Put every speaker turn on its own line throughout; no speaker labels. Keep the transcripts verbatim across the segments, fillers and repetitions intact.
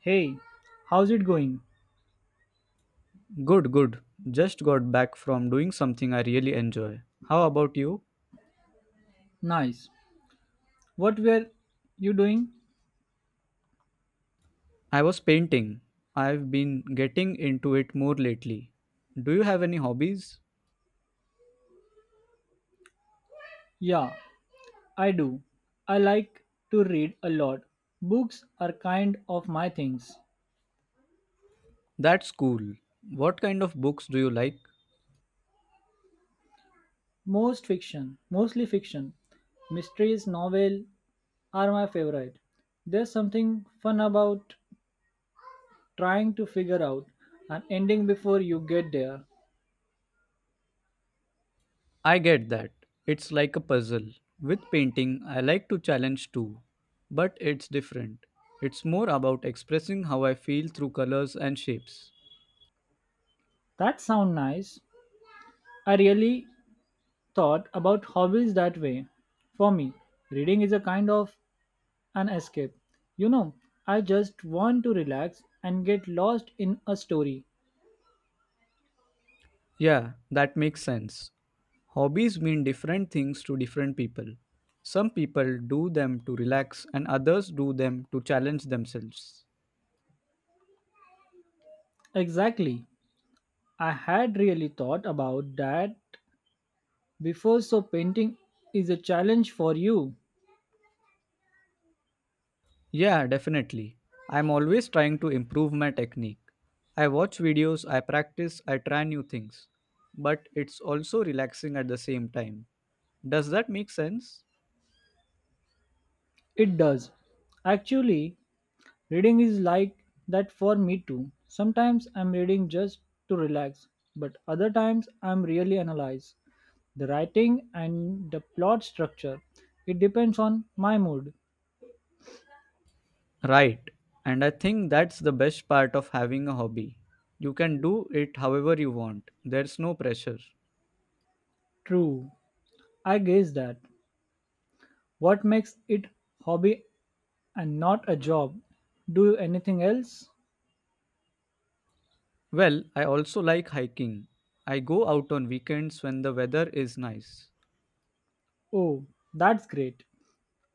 Hey, how's it going?
Good, good. Just got back from doing something I really enjoy. How about you?
Nice. What were you doing?
I was painting. I've been getting into it more lately. Do you have any hobbies?
Yeah, I do. I like to read a lot. Books are kind of my things.
That's cool. What kind of books do you like?
Most fiction, mostly fiction. Mysteries, novel are my favorite. There's something fun about trying to figure out an ending before you get there.
I get that. It's like a puzzle. With painting, I like to challenge too, but it's different. It's more about expressing how I feel through colors and shapes.
That sounds nice. I really thought about hobbies that way. For me, reading is a kind of an escape. You know, I just want to relax and get lost in a story.
Yeah, that makes sense. Hobbies mean different things to different people. Some people do them to relax, and others do them to challenge themselves.
Exactly. I had really thought about that before, so painting is a challenge for you.
Yeah, definitely. I'm always trying to improve my technique. I watch videos, I practice, I try new things. But it's also relaxing at the same time. Does that make sense?
It does. Actually, reading is like that for me too. Sometimes I'm reading just to relax, but other times I'm really analyze the writing and the plot structure. It depends on my mood.
Right. And I think that's the best part of having a hobby. You can do it however you want, there's no pressure.
True. I guess that. What makes it hobby and not a job? Do you anything else?
Well, I also like hiking. I go out on weekends when the weather is nice.
Oh, that's great.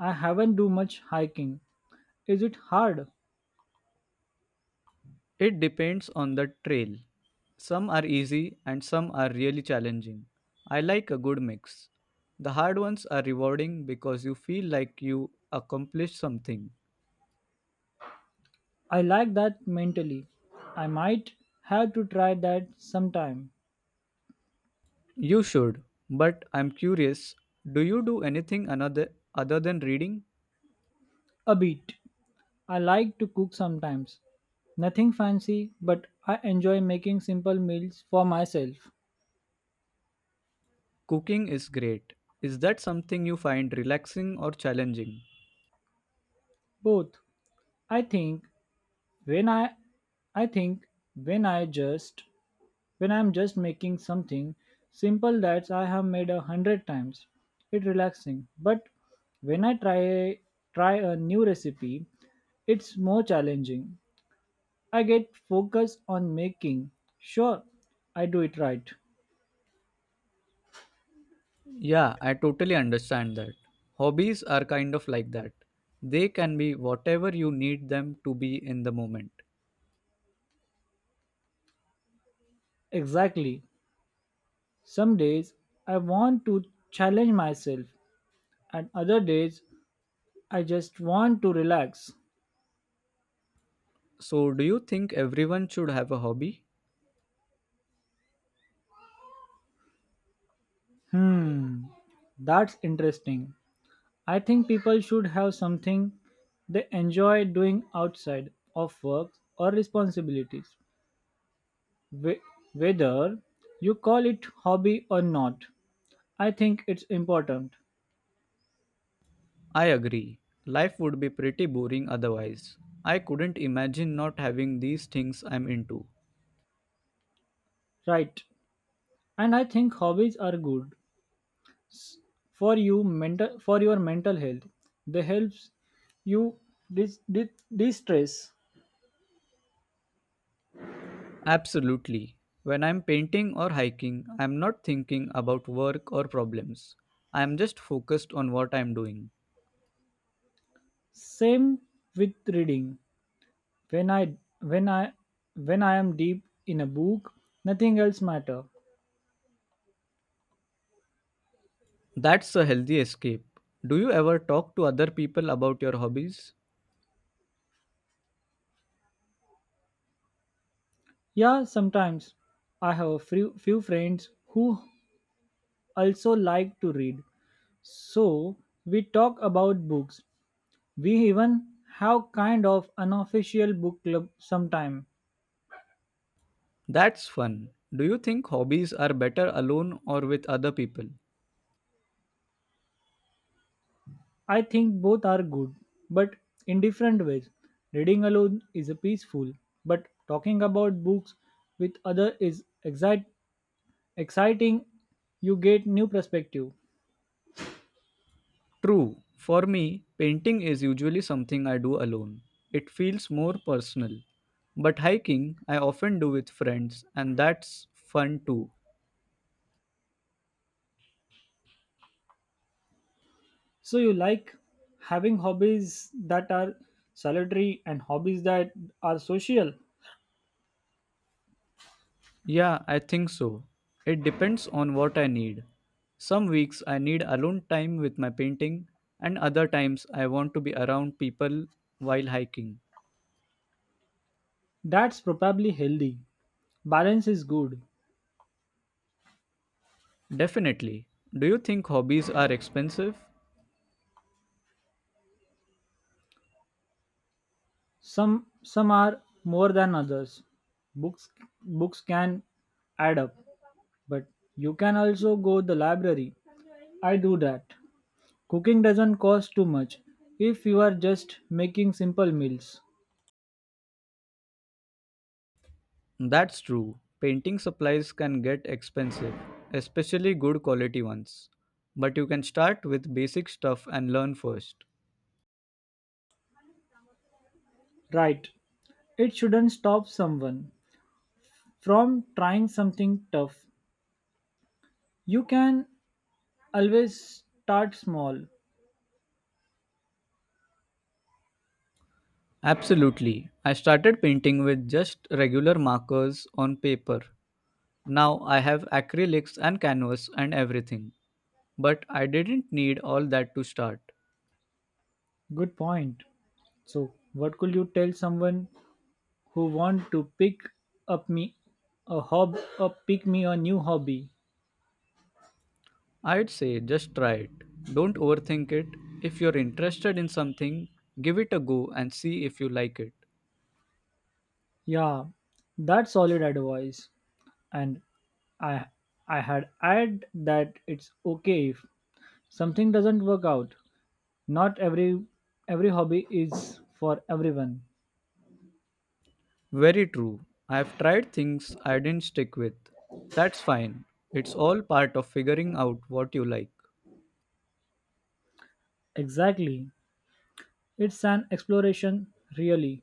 I haven't do much hiking. Is it hard?
It depends on the trail. Some are easy and some are really challenging. I like a good mix. The hard ones are rewarding because you feel like you accomplished something.
I like that mentally. I might have to try that sometime.
You should, but I'm curious, do you do anything another other than reading?
A bit. I like to cook sometimes. Nothing fancy, but I enjoy making simple meals for myself.
Cooking is great. Is that something you find relaxing or challenging?
Both. I think when I I think when I just When I'm just making something simple that I have made a hundred times, it's relaxing. But when I try try a new recipe, it's more challenging. I get focused on making sure I do it right.
Yeah, I totally understand that. Hobbies are kind of like that. They can be whatever you need them to be in the moment.
Exactly. Some days I want to challenge myself, and other days I just want to relax.
So, do you think everyone should have a hobby?
Hmm, that's interesting. I think people should have something they enjoy doing outside of work or responsibilities. Wh- Whether you call it hobby or not, I think it's important.
I agree. Life would be pretty boring otherwise. I couldn't imagine not having these things I'm into.
Right. And I think hobbies are good for you mental for your mental health. They helps you dis- dis- distress.
Absolutely. When I'm painting or hiking, I'm not thinking about work or problems. I'm just focused on what I'm doing.
Same with reading. When I when I when I am deep in a book, nothing else matter.
That's a healthy escape. Do you ever talk to other people about your hobbies?
Yeah, sometimes I have a few, few friends who also like to read. So we talk about books. We even have kind of unofficial book club sometime.
That's fun. Do you think hobbies are better alone or with other people?
I think both are good, but in different ways. Reading alone is a peaceful, but talking about books with other is excite, exciting. You get new perspective.
True. For me, painting is usually something I do alone. It feels more personal. But hiking, I often do with friends, and that's fun too.
So you like having hobbies that are solitary and hobbies that are social.
Yeah, I think so. It depends on what I need. Some weeks I need alone time with my painting, and other times I want to be around people while hiking.
That's probably healthy. Balance is good.
Definitely. Do you think hobbies are expensive?
Some some are more than others. Books books can add up, but you can also go the library. I do that. Cooking doesn't cost too much if you are just making simple meals.
That's true. Painting supplies can get expensive, especially good quality ones. But you can start with basic stuff and learn first.
Right. It shouldn't stop someone from trying something tough. You can always start small.
Absolutely. I started painting with just regular markers on paper. Now I have acrylics and canvas and everything. But I didn't need all that to start.
Good point. So, what could you tell someone who want to pick up me a hob or pick me a new hobby?
I'd say just try it. Don't overthink it. If you're interested in something, give it a go and see if you like it.
Yeah, that's solid advice. And I I had add that it's okay if something doesn't work out. Not every every hobby is for everyone.
Very true. I've tried things I didn't stick with. That's fine. It's all part of figuring out what you like.
Exactly. It's an exploration, really.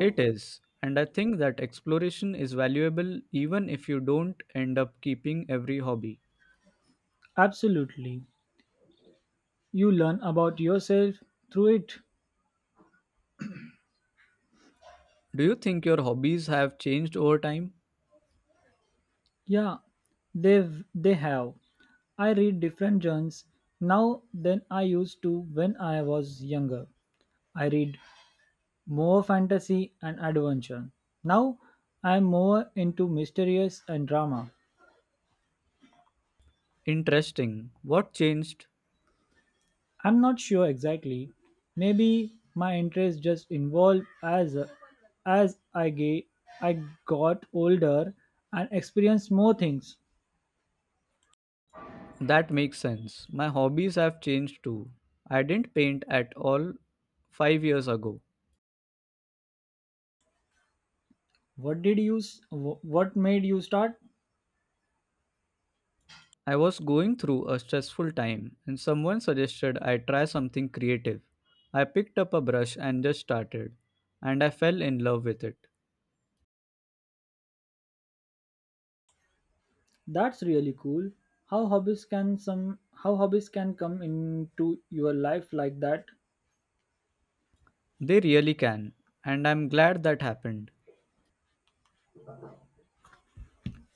It is. And I think that exploration is valuable even if you don't end up keeping every hobby.
Absolutely. You learn about yourself through it.
Do you think your hobbies have changed over time?
Yeah, they've they have. I read different genres now than I used to when I was younger. I read more fantasy and adventure. Now I'm more into mysterious and drama.
Interesting. What changed?
I'm not sure exactly. Maybe my interest just evolved as as I ga- I got older and experienced more things.
That makes sense. My hobbies have changed too. I didn't paint at all five years ago.
What did you s- wh- what made you start?
I was going through a stressful time and someone suggested I try something creative. I picked up a brush and just started, and I fell in love with it.
That's really cool. How hobbies can some how hobbies can come into your life like that?
They really can, and I'm glad that happened.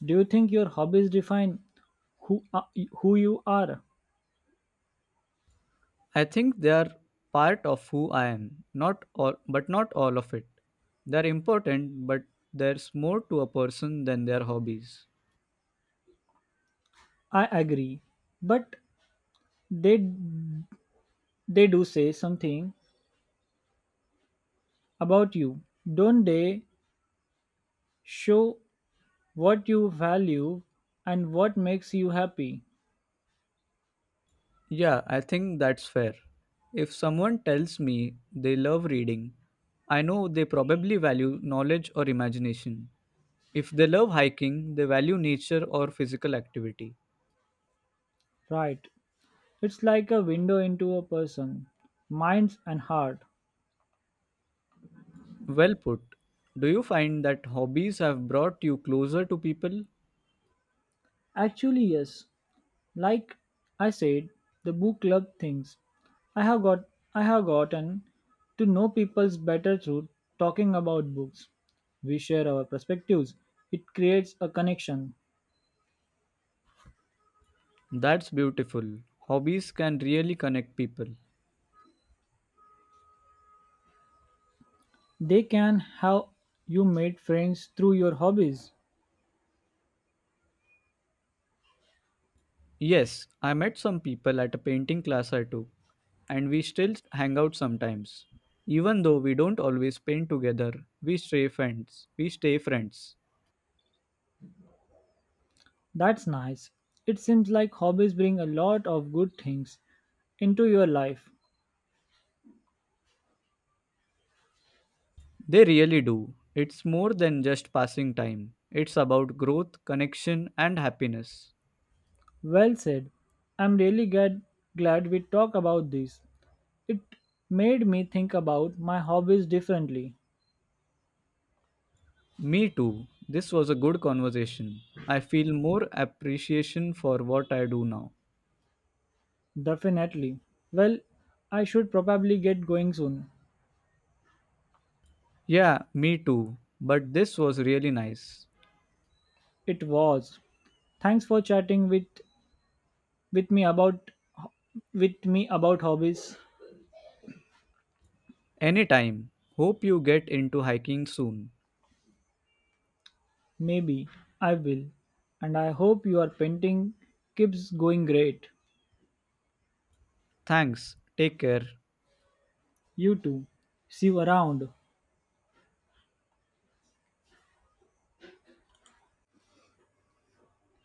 Do you think your hobbies define who uh, who you are?
I think they are part of who I am, not all, but not all of it. They're important, but there's more to a person than their hobbies.
I agree, but they they do say something about you. Don't they show what you value and what makes you happy?
Yeah, I think that's fair. If someone tells me they love reading, I know they probably value knowledge or imagination. If they love hiking, they value nature or physical activity.
Right. It's like a window into a person, minds and heart.
Well put. Do you find that hobbies have brought you closer to people?
Actually, yes. Like I said, the book club things. I have got I have gotten to know people's better through talking about books. We share our perspectives. It creates a connection.
That's beautiful. Hobbies can really connect people.
They can have you made friends through your hobbies.
Yes, I met some people at a painting class I took, and we still hang out sometimes. Even though we don't always paint together, we stay friends. We stay friends.
That's nice. It seems like hobbies bring a lot of good things into your life.
They really do. It's more than just passing time. It's about growth, connection, and happiness.
Well said. I'm really glad glad we talked about this. It made me think about my hobbies differently.
Me too. This was a good conversation. I feel more appreciation for what I do now.
Definitely. Well, I should probably get going soon.
Yeah, me too. But this was really nice.
It was. Thanks for chatting with with me about with me about hobbies.
Anytime. Hope you get into hiking soon.
Maybe I will. And I hope your painting keeps going great.
Thanks. Take care.
You too. See you around.